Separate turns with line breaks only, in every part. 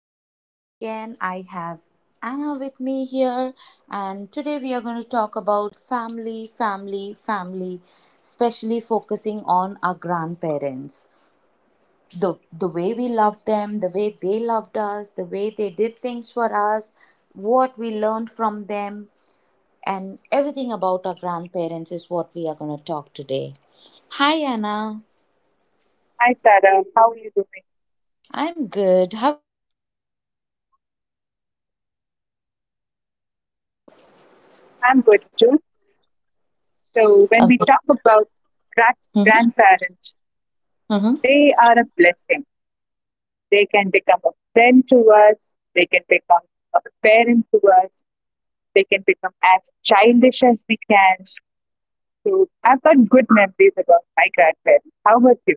and welcome again. I have Anna with me here, and today we are going to talk about family, family, family, especially focusing on our grandparents. The way we love them, the way they loved us, the way they did things for us, what we learned from them, and everything about our grandparents is what we are going to talk today. Hi, Anna.
Hi, Sarah. How are you doing?
I'm good.
I'm good too. So, when
अब
we
अब
talk about grandparents,
अब अब
they are a blessing. They can become a friend to us, they can become a parent to us, they can become as childish as we can. So, I've got good memories about my grandparents. How about you?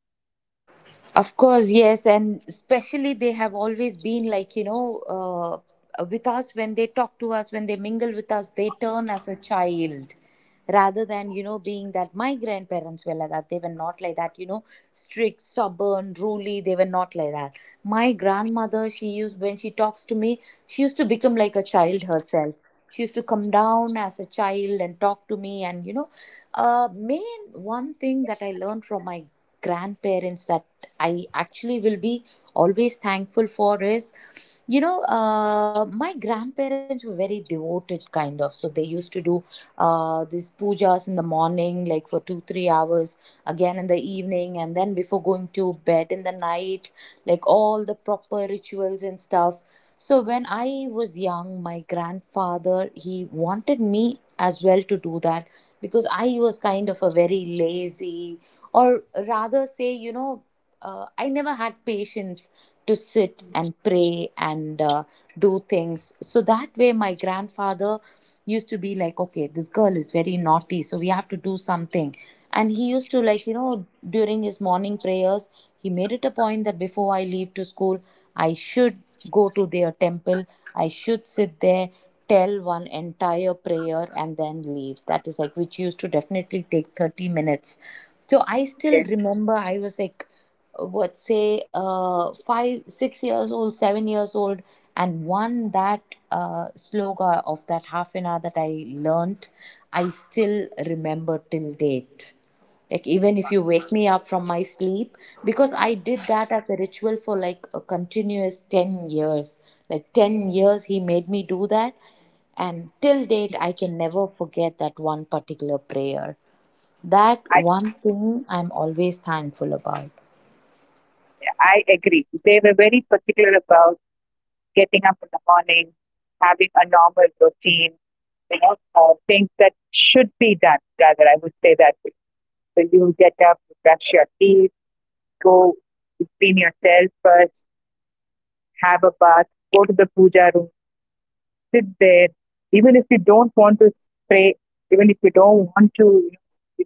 Doing everything around
Of
for
course,
her.
yes, and
And you won't
especially they
believe,
have
while
always
she
been
was
like,
like,
you
say,
know,
9 years
with us
old,
when they talk to us,
8
when they
years I
mingle
believe,
with us,
yeah,
they
when she was
turn as a
8 years old,
child
she could
rather
cook
than,
an
you know, being
entire
that my
meal,
grandparents were like that. They were not
like
like
the
that, you know,
rice, the curry,
strict,
and
stubborn,
everything. Yes,
ruly. They were
that
not like
was
that.
something my
My
mom had, you
grandmother,
know,
she used, when
whenever
she
she's
talks
in
to
the
me,
kitchen, she'll
she used
make
to
sure
become
this
like a
baby
child
is with
herself.
her.
She used to
And
come
she
down as
always,
a
like, when she was
child and
three
talk to
four
me and,
years old, she always made sure
main
she
one
started
thing that I learned
step
from
by
my
step, you know,
grandparents
first
that
helping them
I
peel out
actually will
things,
be
peel out the
always thankful for
vegetables,
is,
then later, after a
my
few days, few
grandparents were
weeks,
very
she'll tell them,
devoted,
she'll
kind of.
ask
So
her
they
to, you
used
know,
to do
chop the
these
vegetables.
pujas in the
That's how,
morning,
you know,
like for two, three
one
hours,
by one,
again in the
slowly. She
evening, and
took her
then
time.
before
She
going
really
to
had.
bed in the
Grandparents
night,
definitely
like
have, you know,
all the
lot
proper
of
rituals and
patience
stuff.
when it
So
comes to
when
their
I was
grandchildren.
young, my
Maybe with
grandfather, he
others, yes,
wanted
as for
me
the
as
age,
well
they
to do
might
that
lose
because
patience.
I was
But
kind
when
of
it
a
comes
very
for the
lazy,
grandchildren, they never
or
lose
rather say,
patience.
you know,
She
I
had
never
so
had
much of
patience
patience. She used
to
to make her
sit and
sit.
pray and
Yeah,
do things.
she used to
So
make
that
her
way, my
sit, make her
grandfather
do
used to be like,
everything.
okay, this
Like,
girl is
okay,
very
chop
naughty,
this,
so we
now
have to
do
do
that, now
something.
do this.
And he used to, like, you
And
know,
like
during his morning
wonders it
prayers,
was.
he made
She
it a point that before I
she
leave
could
to
cook the
school, I
entire
should
meal
go to
when
their
she was
temple,
8 years
I
old.
should sit
For
there,
that one thing,
tell
I'm
one
always, you know,
entire
thankful
prayer
to my
and then
mom
leave. That is like, which
that
used to
she
definitely
still
take
can
30
help me
minutes.
around with
So I
everything on
still
Yes,
remember
everything
I
at
was like,
home.
what, say 5 6 years old, 7 years old, and one that sloga of that half an hour that I learnt, I still remember till date, like even if you wake me up from my sleep, because I did that as a ritual for like a continuous 10 years. Like 10 years he made me do that, and till date I can never forget that one particular prayer. That
I,
one thing I'm always thankful about.
I agree. They were very particular about getting up in the morning, having a normal routine, things that should be done. Rather, I would say that so you get up, you brush your teeth, go you clean yourself first, have a bath, go to the puja room, sit there. Even if you don't want to pray, even if you don't want to know,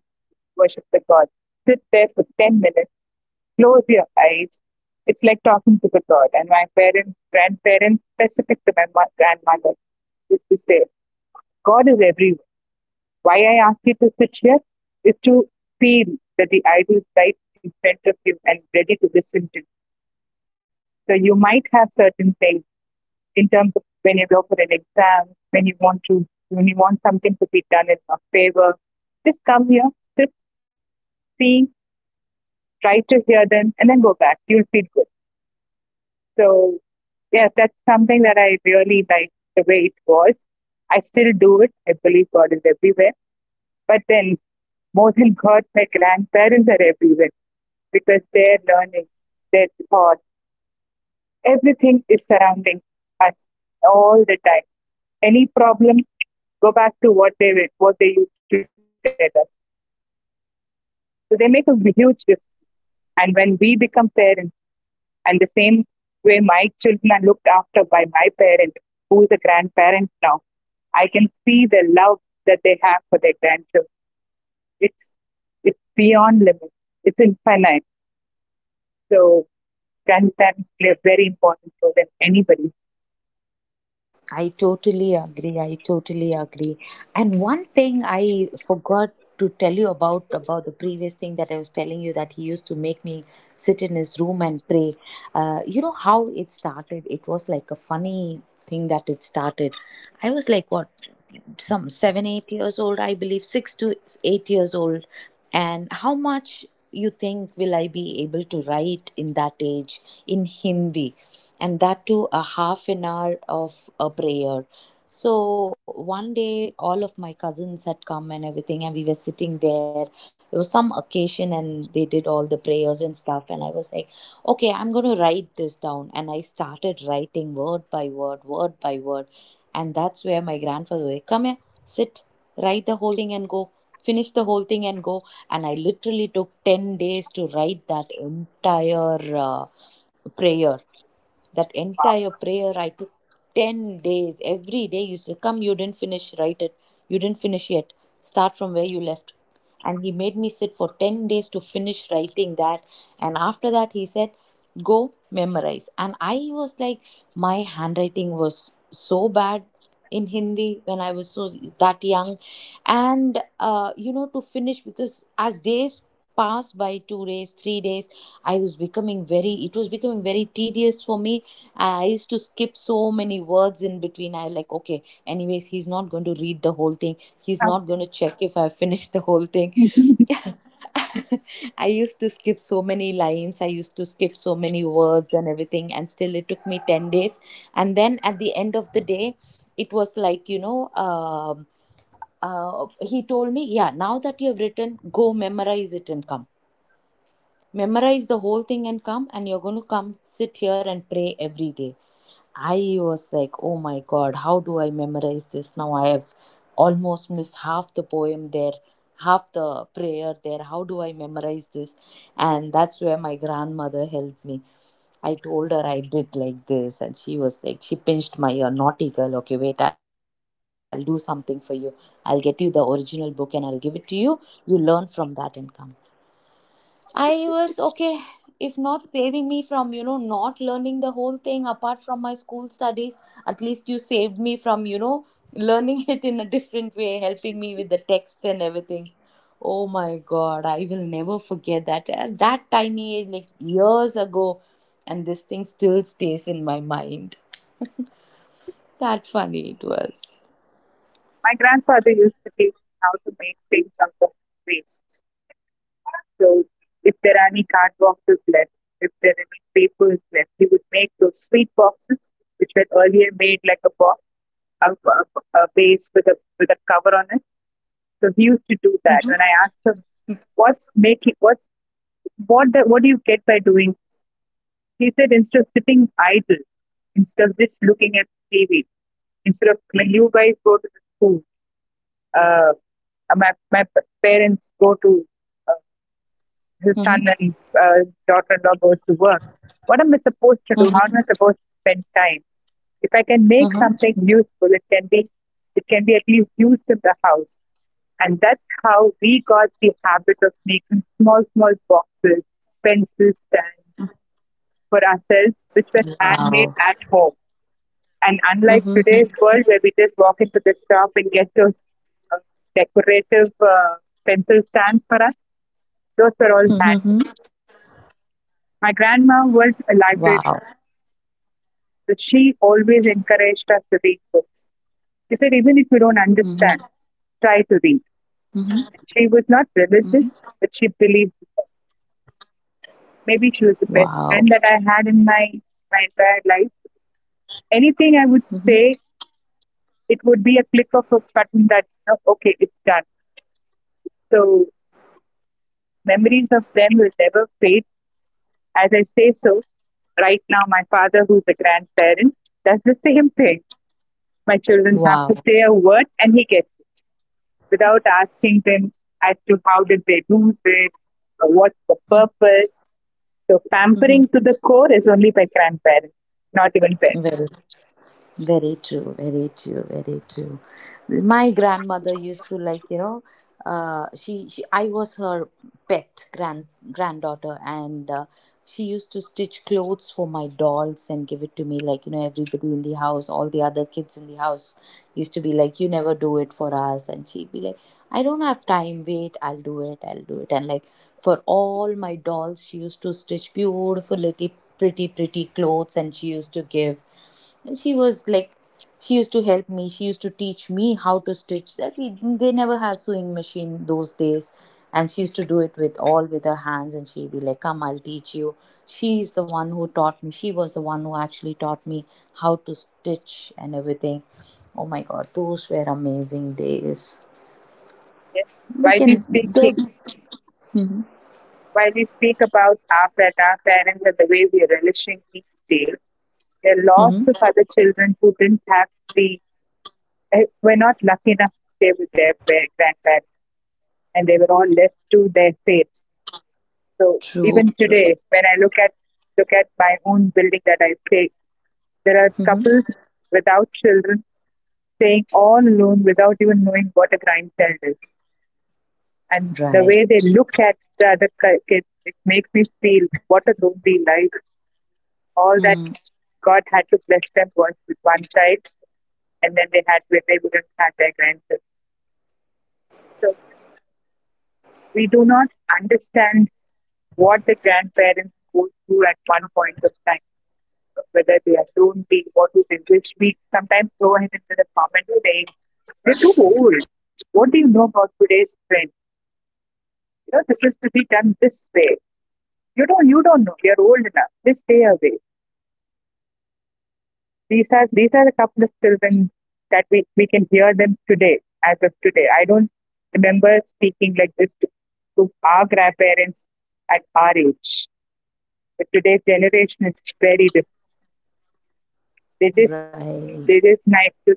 worship the God, sit there for 10 minutes. Close your eyes. It's like talking to the God. And my parents, grandparents, specific to my grandmother, used to
So
say, God is everywhere. Why I ask you to sit here is to feel that the idol
I'm
is
not
right
sure
in
if we
front
will,
of
you
you
know,
and
have so
ready to
much of
listen to you.
patience, like like
So you
how we
might
are
have
now.
certain things
If
in terms
this
of
is how
when
we
you
are
go for
going to
an
be
exam,
in
when you
future,
want to,
I
when you
don't
want
think we'll
something
have
to
so
be
much
done in
of
a
patience with
favor.
the
Just come here,
grandchildren.
sit,
But yeah,
see,
maybe, you know,
try
with
to hear
age
them,
we
and then go back.
might
You'll feel good.
actually learn to
So,
have more
yeah, that's
patience with the
something that I
grandchildren.
really
But
liked the
right
way it
now, the
was.
way I am,
I still
I
do
don't
it. I
think I
believe
will
God
have,
is
you
everywhere.
know, the patience that
But
my
then,
grandparents had
more than
with
God,
my
my
grandchildren.
grandparents are everywhere because their learning, their thought, everything is surrounding us all the time. Any problem, go back to what they were, what they used to tell us. So they make a huge difference. And when we become parents, and the same way my children are looked after by my parent, who is a grandparent now, I can see the love that they have for their grandchildren. It's it's beyond limits. It's infinite. So grandparents play a very important role than anybody.
I totally agree. I totally agree. And one thing I forgot to tell you about the previous thing that I was telling you, that he used to make me sit in his room and pray. You know how it started? It was like a funny thing that it started. I was like, what, some 7, eight years old, I believe, 6 to 8 years old, and how much you think will I be able to write in that age in Hindi, and that too a half an hour of a
So true,
prayer.
so true. My
So one
for
day,
my
all
kids,
of
my
my
her their
cousins had come and
grandparents are
everything, and
not
we were
in,
sitting
like,
there.
they do
There
not
was
stay
some
with us. They're
occasion,
not in
and they
town,
did all the prayers and
so
stuff. And I was like,
it's,
okay,
they
I'm
did
going to
not
write
have, my
this
elder
down.
one
And
did
I
have a lot
started
of
writing
quality
word
time,
by word,
but yeah,
word by
my
word.
dad with the
And
younger
that's where
one,
my
he
grandfather was
always
like, come here,
turns a kid
sit, write the
when
whole
he is
thing and
with
go,
her, you know.
finish the
My
whole thing
mom
and go.
always
And I
says it's
literally took
only I
10
see
days to
him
write that
smiling and laughing
entire
to the extreme only
prayer.
when this little
That
one comes
entire
here,
prayer I took
only
10
when they
days.
come
Every
here.
day you say, come,
And
you didn't
she
finish,
makes
write it.
him
You didn't finish
dance.
yet.
He
Start
cannot
from where you
dance,
left.
but yeah, she
And he
makes
made
him
me sit
dance.
for
And my
10
mom
days to
records
finish
all those
writing that.
videos and she
And after
sends it
that, he
out to
said,
me.
go
See, have you ever
memorize.
seen
And
your dad
I
like
was like,
this? She
my
literally asked
handwriting
me, "Lala,
was
have you ever
so
seen your
bad
dad like
in
this?
Hindi when
See,
I was so
a new
that
version of
young,
your dad. He
and
will dance
you
with
know, to
her, he
finish,
will
because
jump with
as
her, he'll
days
do yoga with
passed
her."
by, two
But
days,
yeah,
three
once
days,
he
I
finishes,
was
we're, oh my
becoming
god, my
very,
knee
it
is
was
aching.
becoming very
But
tedious
yeah,
for
he
me.
doesn't
I used to skip so
at
many
that
words in
moment he
between. I
doesn't
like,
bother
okay,
about the
anyways, he's
pain or
not going to read the
anything.
whole thing. He's not going to check if I finished the whole thing.
My
I used to skip so many lines. I used to skip so many words and everything. And still, it took me 10 days. And then at the end of the day, it was like, you know, he told me, yeah, now that you have written, go memorize it and come, memorize the whole thing and come, and you're going to come sit here and pray every day. I was like, oh my
Exactly.
God, how
So
do I
true.
memorize this? Now I have almost missed half the poem there, half the prayer there. How do I memorize this? And that's where my grandmother helped me. I told her I did like this, and she was like, she pinched my ear, naughty girl. Okay, wait, I'll do something for you. I'll get you the original book and I'll give it to you. You learn from that and come. I was okay, if not saving me from, you know, not learning the whole thing apart from my school studies, at least you saved me from, you know, learning it in a different way, helping me with the text and everything. Oh my God, I will never forget that. At that tiny age, like years ago, and this thing still stays in my mind. That funny it was.
grandfather used to teach me how to make things out of waste. So if there are any card boxes left, if there are any papers left, he would make those sweet boxes which were earlier made like a box, a, a,
So
a
true. And
vase
I believe
with a
it's
cover
only
on it.
in our
So
Indian
he used to
culture
do
where,
that.
you
When I
know,
asked him,
the kids
"What's
actually get
making? What's
to spend so
what?
much
What do you
time
get
with
by
their
doing this?"
grandparents and
He
stuff.
said, "Instead of sitting idle, instead of just looking at TV, instead of like, you guys go to the school, uh, my parents go to, uh, his son
Mm-hmm,
and, uh, daughter-in-law goes to work. What am I supposed to do? How am I
mm-hmm,
supposed to spend time? If I can make
mm-hmm.
something useful, it can be at least used in the house." And that's how we got the habit of making small, small boxes, pencil stands for ourselves, which were
Wow.
handmade at home. And unlike
Mm-hmm,
today's world where we just walk into the shop and get those, uh, decorative, pencil stands for us, those were all
mm-hmm, mm-hmm.
handmade. My grandma was a
Wow.
librarian. But she always encouraged us to read books. She said, even if you don't
Mm-hmm,
understand, try to read.
mm-hmm,
She was not
mm-hmm.
religious, but she believed in God. Maybe she was the
Wow.
best friend that I had in my my entire life. Anything I would
Hmm.
say, it would be a click of a button that oh, okay, it's done. So memories of them will never fade. As I say so, right now my father, who's a grandparent, does the same thing. My children have
Wow.
to say a word, and he gets without asking them as to how did they lose it, or what's the purpose. So
Mm-hmm.
pampering to the core is only by grandparents, not even parents.
Very Very true, very true, very true. My grandmother used to like, you know, she I was her pet granddaughter, and she used to stitch clothes for my dolls and give it to me. Like, you know, everybody in the house, all the other kids in the house used to be like, "You never do it for us," and she'd be like, "I don't have time. Wait, I'll do it. I'll do it." And like, for all my dolls, she used to stitch beautiful little pretty pretty clothes, and she used to give. And she was like, she used to help me. She used to teach me how to stitch. That we they never had sewing machine those days, and she used to do it with all with her hands. And she'd be like, "Come, I'll teach you." She's the one who taught me. She was the one who actually taught me how to stitch and everything. Oh my God, those were amazing days.
Yes.
We
While we
can.
speak,
The, mhm.
while we speak about our parents and the way we are relishing each day, there are lots
Mhm.
of other children who didn't have the were not lucky enough to stay with their grandparents, and they were all left to their fate. So
True.
even
True.
today, when I look at my own building that I stay, there are
Hmm.
couples without children staying all alone without even knowing what a grandchild is. And the
Right.
way they look at the other kids, it makes me feel what a lonely life. All that
Mm.
God had to bless them was with one child, and then they wouldn't have their grandchildren. So we do not understand what the grandparents go through at one point of time, whether they are don't they what do they wish. We sometimes throw him into the comment saying, they are too old. What do you know about today's trend? You know, this is to be done this way. You don't know. You're old enough. Please stay away. These are a couple of children that we can hear them today, as of today. I don't remember speaking like this to our grandparents at our age. But today's generation is very different. They just
Right.
they just like to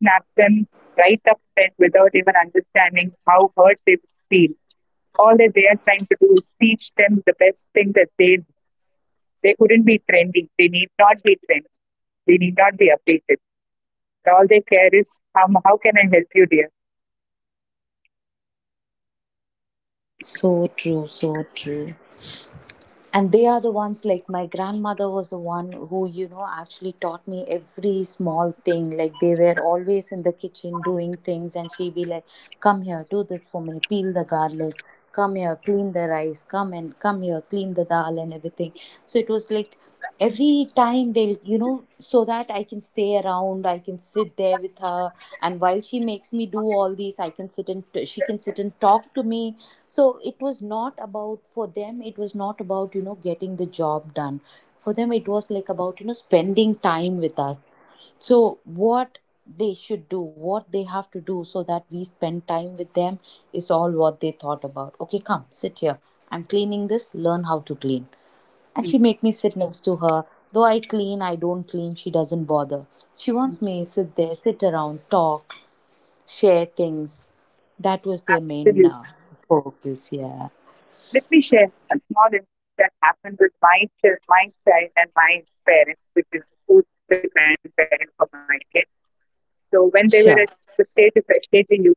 snap them right up front without even understanding how hurt they feel. All that they are trying to do is teach them the best thing that they couldn't be trendy. They need not be trendy. They need not be updated. All they care is how can I help you, dear?
So true. So true. And they are the ones, like my grandmother was the one who, you know, actually taught me every small thing, like they were always in the kitchen doing things, and she'd be like, come here, do this for me, peel the garlic, come here, clean the rice, come and come here, clean the dal and everything. So it was like every time they'll, you know, so that I can stay around, I can sit there with her, and while she makes me do all these, I can sit and she can sit and talk to me. So it was not about, for them it was not about, you know, getting the job done. For them it was like about, you know, spending time with us. So what they should do, what they have to do so that we spend time with them is all what they thought about. Okay, come sit here, I'm cleaning this, learn how to clean. And
Mm,
she make me sit next to her. Though I clean, I don't clean, she doesn't bother. She wants
mm,
me sit there, sit around, talk, share things. That was their main
absolutely.
focus, yeah.
Let me share a small incident that happened with my child, and my parents, which is who the grandparents of my kid. So when they were at the
Sure.
stage of HKG, UKG,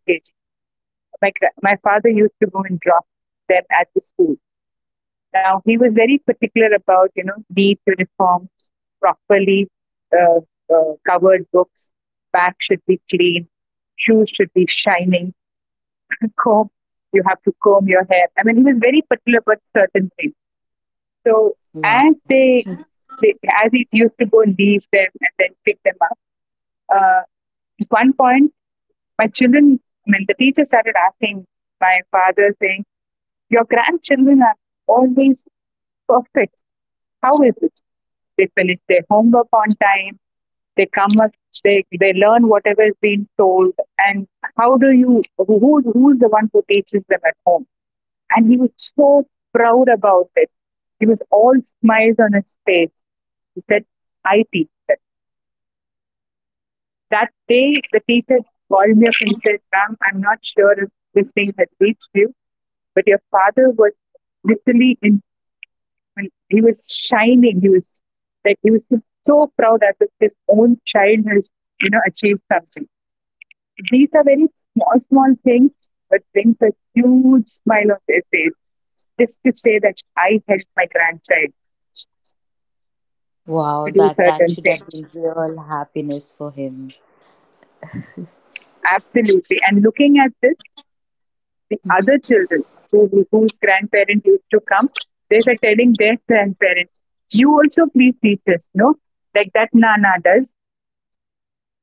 my my father used to go and drop them at the school. Now he was very particular about you know neat uniforms, properly, uh, covered books, back should be clean, shoes should be shining, comb you have to comb your hair. I mean he was very particular about certain things. So
Wow.
as they as he used to go and leave them and then pick them up, uh, at one point my children, I mean the teacher started asking my father saying, your grandchildren are always perfect. How is it? They finish their homework on time. They come up. They learn whatever is being told. And how do you? Who is the one who teaches them at home? And he was so proud about it. He was all smiles on his face. He said, "I teach them." That day, the teacher called me up and said, "Ma'am, I'm not sure if this thing has reached you, but your father was literally in." And he was shining. He was like he was so proud that his own child has you know achieved something. These are very small, small things, but brings a huge smile on their face just to say that I helped my grandchild to
Wow,
do
that
certain
should have
things.
been real happiness for him.
Absolutely. And looking at this, the other children whose grandparents used to come, they were telling their grandparents, "You also please teach us, no? Like that Nana does,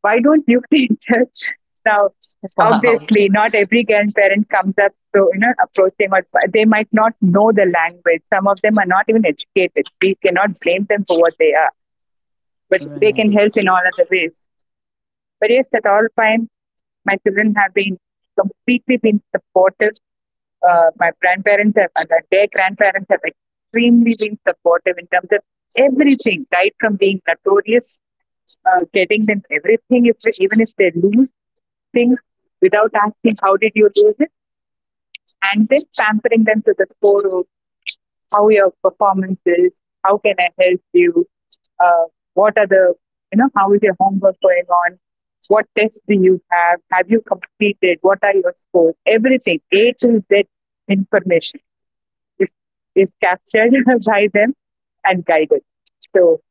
why don't you teach us?" Now,
Wow.
obviously, not every grandparent comes up to, you know, approaching or they might not know the language. Some of them are not even educated. We cannot blame them for what they are, but they can help
Right.
in all other ways. But yes, at all times, my children have been completely been supportive. My grandparents have, and their grandparents have extremely been supportive in terms of everything, right from being notorious, getting them everything, if they, even if they lose things without asking how did you lose it, and then pampering them to the score of how your performance is, how can I help you, uh, what are the you know how is your homework going on, what tests do you have you completed, what are your scores, everything A to Z information is is captured by them and guided. So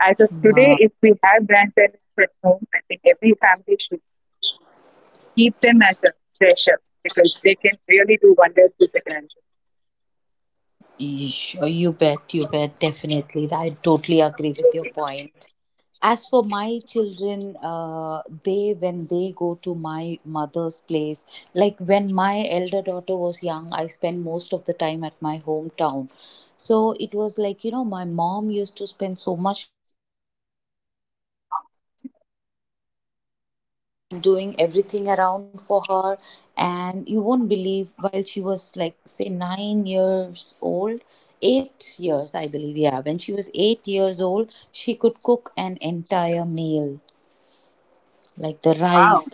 as of today,
Wow.
if we have grandparents at home, I think every family should keep them as a treasure because they can really do wonders with the grandchildren.
Sure, you bet, definitely. I totally agree with your point. As for my children, they, when they go to my mother's place, like when my elder daughter was young, I spent most of the time at my hometown. So it was like, you know, my mom used to
Wow,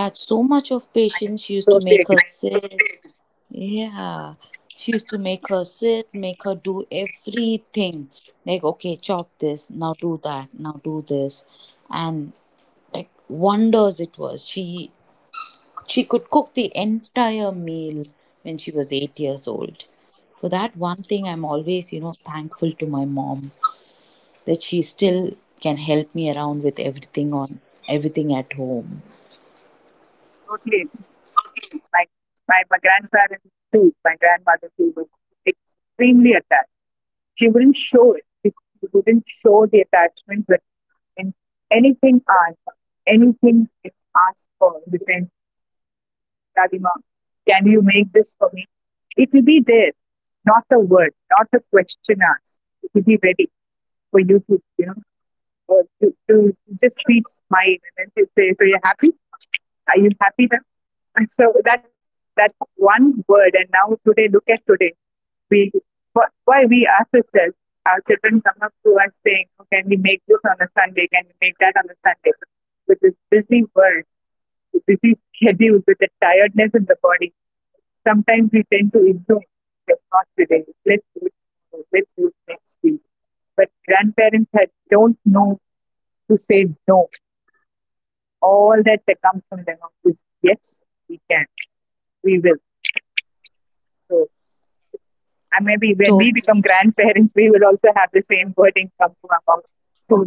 I totally agree. Totally agree. Like my grandparents too, my grandmother too was extremely attached. She wouldn't show it. She wouldn't show the attachment, but in anything asked, anything asked for, in the sense Dadima, can you make this for me? It will be there, not the word, not the question asked. It will be ready for you to, you know, to just see smile and then to say, so you're happy? Are you happy then? And so that one word, and now today, look at today. We why we ask ourselves, our children come up to us saying, oh, "Can we make this on a Sunday? "Can we make that on a Sunday?" With this busy world, with busy schedule, with the tiredness in the body, sometimes we tend to ignore not today. Let's do it tomorrow. Let's do it next week. But grandparents had, don't know to say no. All that comes from them is yes, we can, we will. So and maybe when we become grandparents, we will also have the same wording come to our mouth. So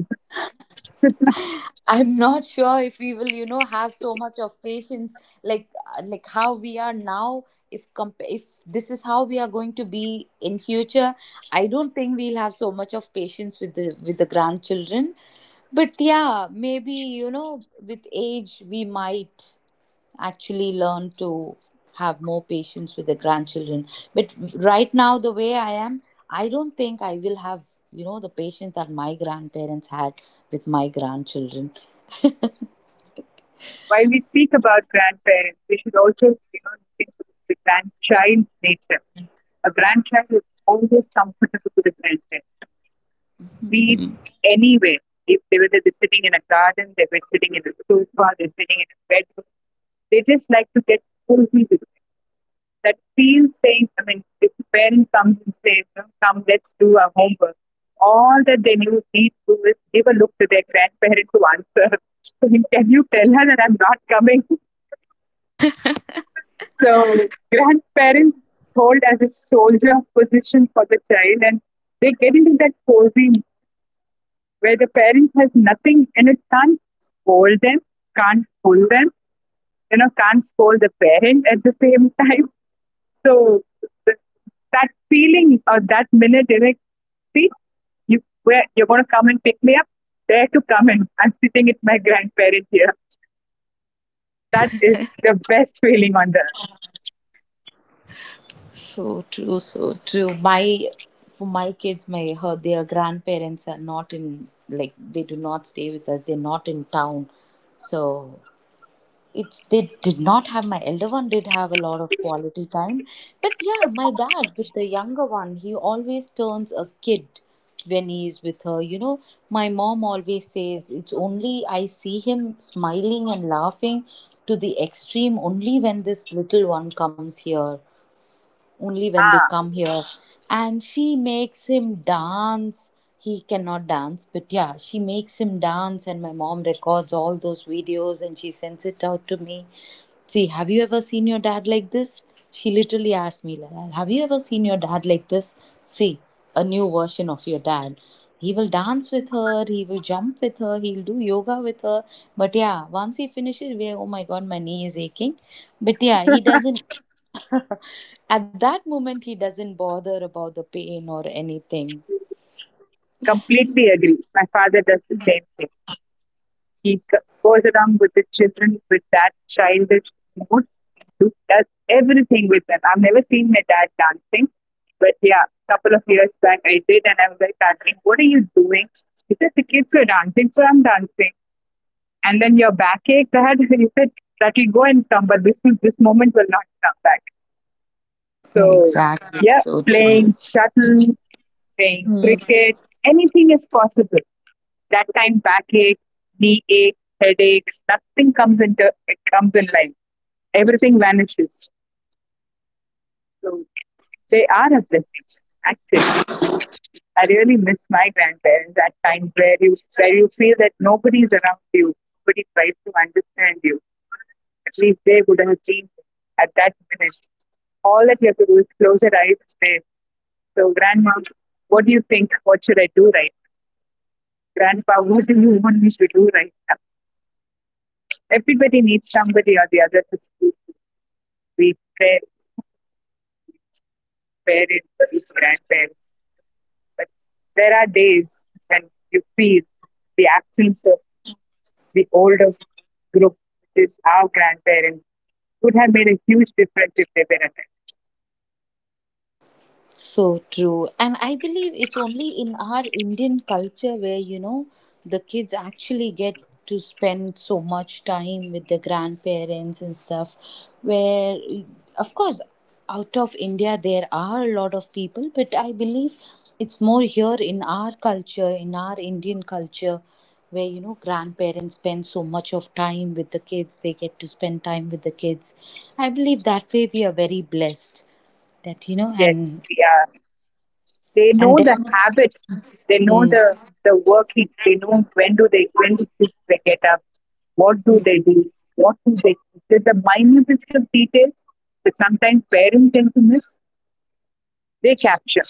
while we speak about grandparents, we should also think of the grandchild nature. A grandchild is always comfortable with the grandparents. Be it anywhere. If they're sitting in a garden, they were sitting in a sofa, they're sitting in a bedroom, they just like to get cozy with it. That feels saying, I mean, if the parent comes and says, come, let's do our homework, all that they need to do is give a look to their grandparent to answer. Saying, can you tell her that I'm not coming? So grandparents hold as a soldier position for the child, and they get into that cozy where the parent has nothing and it can't scold them, can't pull them, can't scold the parent at the same time. So th- that feeling or that minute, they're like, see, you where you're going to come and pick me up? There to come in. I'm sitting with my grandparent here. That is the best feeling on the earth. Ah, completely agree. My father does the same thing. He goes around with the children with that childish mood, does everything with them. I've never seen my dad dancing, but yeah, couple of years back I did, and I was like, asking, what are you doing? He said, the kids are dancing, so I'm dancing. And then your backache, that he said, that will go and come, but this moment will not come back. So yeah, playing shuttle, playing cricket, anything is possible. That time backache, knee ache, headache, nothing comes into it comes in life. Everything vanishes. So they are a blessing. Actually, I really miss my grandparents at times where you feel that nobody is around you, nobody tries to understand you. At least they would have seen at that minute. All that you have to do is close your eyes and say, so grandma, what do you think? What should I do right? Grandpa, what do you want me to do right? Everybody needs somebody or the other to speak to. We parents, parents, we grandparents. But there are days when you feel the absence of the older group, which is our grandparents, would have made a huge difference if they were attended.
Where, of course, out of India, there are a lot of people, but I believe it's more here in our culture, in our Indian culture, where, you know, grandparents spend so much of time with the kids, they get to spend time with the kids. I believe that way we are very blessed, that you know,
Yes,
and
we are. They
and
know the
definitely.
habits. They know the working. They know when do they get up. What do they do? What do they do? There's the minutest of details that sometimes parents tend to miss. They capture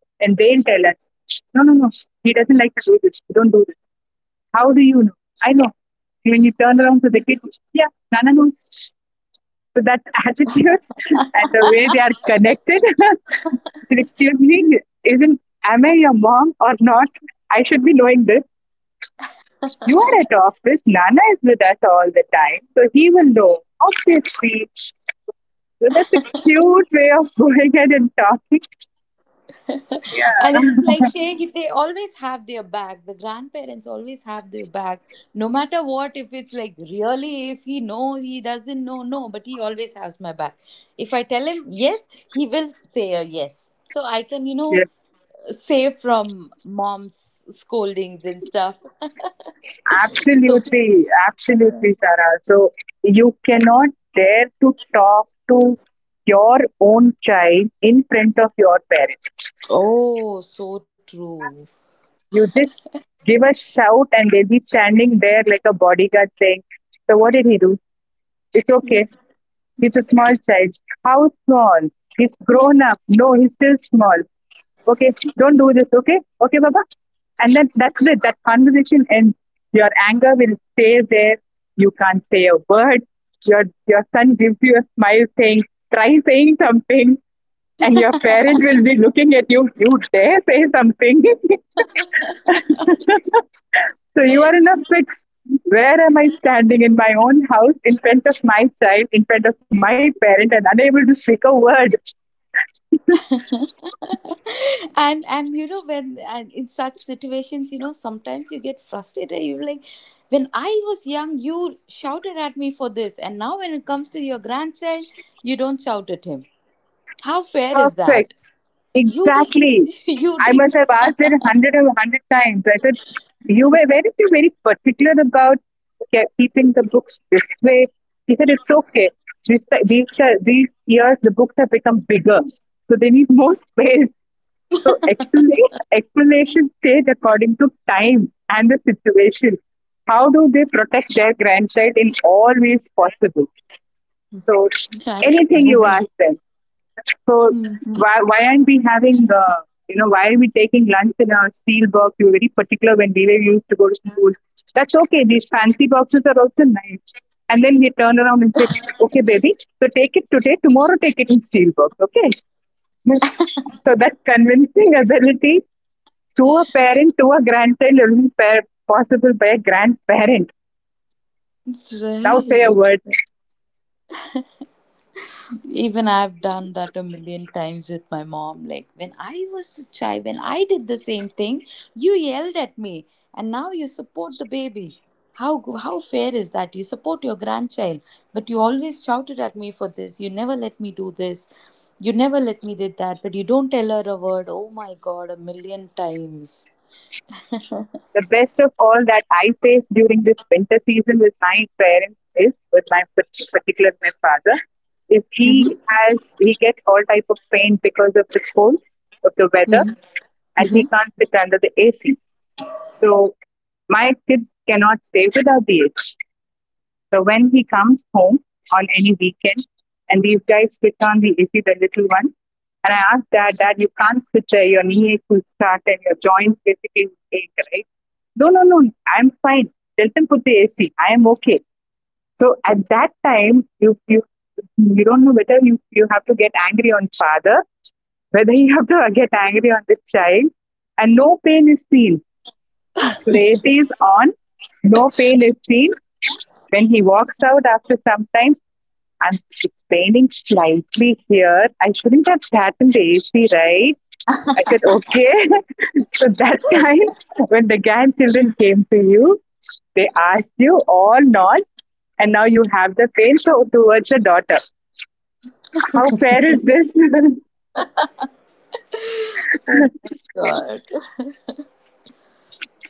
and they'll tell us, no, no, no, he doesn't like to do this. Don't do this. How do you know? I know. When you turn around to the kid, yeah, Nana knows. So that attitude and the way they are connected, said, excuse me, isn't am I your mom or not? I should be knowing this. You are at office. Nana is with us all the time, so he will know. Obviously. So that's a cute way of going ahead and talking.
And
Yeah.
it's like they always have their back, the grandparents always have their back, no matter what. If it's like, really, if he know, he doesn't know, no, but he always has my back. If I tell him yes, he will say a yes, so I can, you know,
Yeah.
save from mom's scoldings and stuff. So,
Absolutely, absolutely, Sarah. So you cannot dare to talk to your own child in front of your parents.
oh, so true.
You just give a shout and they'll be standing there like a bodyguard saying, so what did he do? It's okay. He's a small child. How small? He's grown up. No, he's still small. Okay, don't do this, okay, okay, Baba. And then that's it, that conversation ends. Your anger will stay there. You can't say a word. Your son gives you a smile saying, try saying something. And your parent will be looking at you, you dare say something. So you are in a fix. Where am I standing in my own house in front of my child, in front of my parent, and unable to speak a word?
And you know, when and in such situations, you know, sometimes you get frustrated, you're like, when I was young, you shouted at me for this, and now, when it comes to your grandchild, you don't shout at him. How fair is
Perfect.
that? You did,
Exactly.
you
I
did.
must have asked it hundred and hundred times. I said, "You were very, you very particular about keeping the books this way." He said, "It's okay. This, ti- these years, the books have become bigger, so they need more space." So explanations change according to time and the situation. How do they protect their grandchild in all ways possible? So
I-
anything you
that's
ask them. So why aren't we having you know why are we taking lunch in a steel box? We were very particular when we were used to go to school. That's okay. These fancy boxes are also nice. And then we turn around and say, okay, baby, so take it today. Tomorrow, take it in steel box. Okay. So that convincing ability to a parent, to a grandchild, or be possible by a grandparent. Now say a
right.
word.
Even I've done that a million times with my mom. Like when I was a child, when I did the same thing, you yelled at me, and now you support the baby. How fair is that? You support your grandchild, but you always shouted at me for this. You never let me do this. You never let me did that. But you don't tell her a word. Oh my God, a million times.
The best of all that I faced during this winter season with my parents is with my particular my father is he
Mm-hmm,
has he gets all type of pain because of the cold of the weather,
mm-hmm,
and he
mm-hmm.
can't sit under the AC. So my kids cannot stay without the AC. So when he comes home on any weekend, and these guys sit on the AC, the little one, and I asked dad, dad, you can't sit there. Your knee ache will start, and your joints basically ache, right? No, no, no. I'm fine. Let them put the AC. I am okay. So at that time, you don't know whether you have to get angry on father, whether you have to get angry on the child, and no pain is seen. So the AC is on. No pain is seen. When he walks out after some time, I'm explaining slightly here. I shouldn't have sat in the AC, right? I said, okay. So that time, when the grandchildren came to you, they asked you all not, and now you have the pain so towards the daughter. How fair is this?
Oh my God.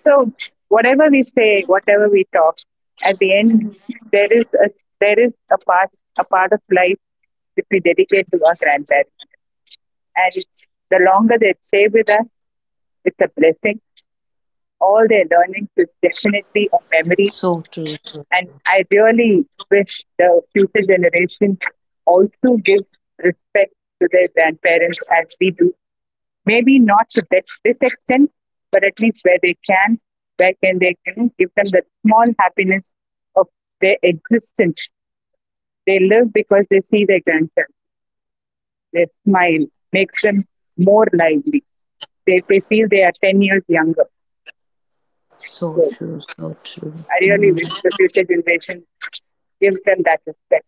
So whatever we say, whatever we talk, at the end, there is a there is a part, a part of life that we dedicate to our grandparents, and the longer they stay with us, it's a blessing. All their learning is
So
definitely a
true. So
memory. And I really wish the future generation also gives respect to their grandparents as we do. Maybe not to that, this extent, but at least where they can, where can they can give them the small happiness of their existence. They live because they see their grandchildren. Their smile makes them more lively. They feel they are 10 years younger.
so
So
true. So true.
I really wish the future generation give them that respect.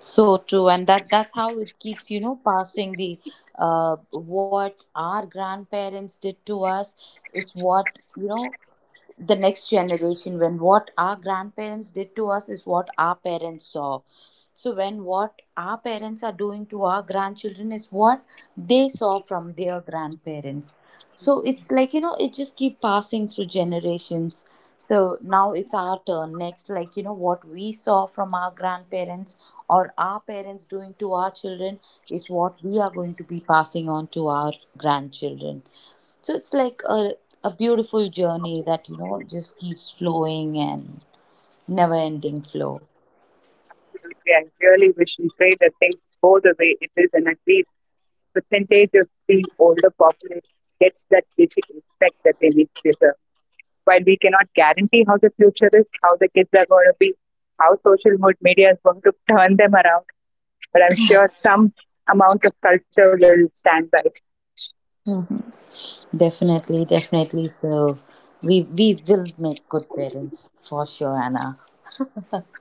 So true, and that's how it keeps, you know, passing the, what our grandparents did to us is what, you know, the next generation, when what our grandparents did to us is what our parents saw. So when what our parents are doing to our grandchildren is what they saw from their grandparents. So it's like, you know, it just keep passing through generations. So now it's our turn next, like, you know, what we saw from our grandparents or our parents doing to our children is what we are going to be passing on to our grandchildren. So it's like a beautiful journey that, you know, just keeps flowing and never ending flow.
And really wish and pray that things go the way it is, and at least percentage of the older population gets that basic respect that they need to deserve. While we cannot guarantee how the future is, how the kids are going to be, how social media is going to turn them around, but I'm sure some amount of culture will stand by.
Mhm. Definitely, definitely. So we will make good parents for sure, Anna.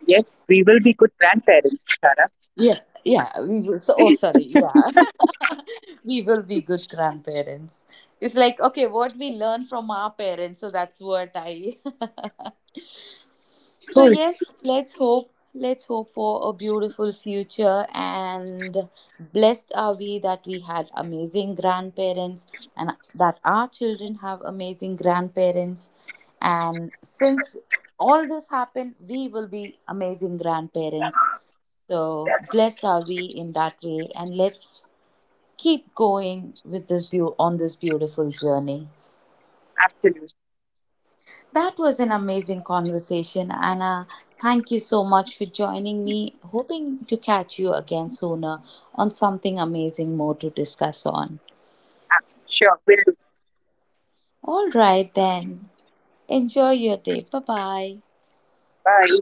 Yes, we will be good grandparents, Sarah.
Yeah, yeah. We will. So, oh, sorry. Yeah, we will be good grandparents. It's like, okay, what we learn from our parents. So that's what I. So
Cool.
yes, let's hope for a beautiful future. And blessed are we that we had amazing grandparents, and that our children have amazing grandparents, and since all this happened, we will be amazing grandparents. So blessed are we, in that way. And let's keep going with this beau on this beautiful journey.
Absolutely.
That was an amazing conversation, Anna. Thank you so much for joining me. Hoping to catch you again sooner on something amazing more to discuss on.
I'm sure, we will do.
All right, then. Enjoy your day. Bye bye.
Bye.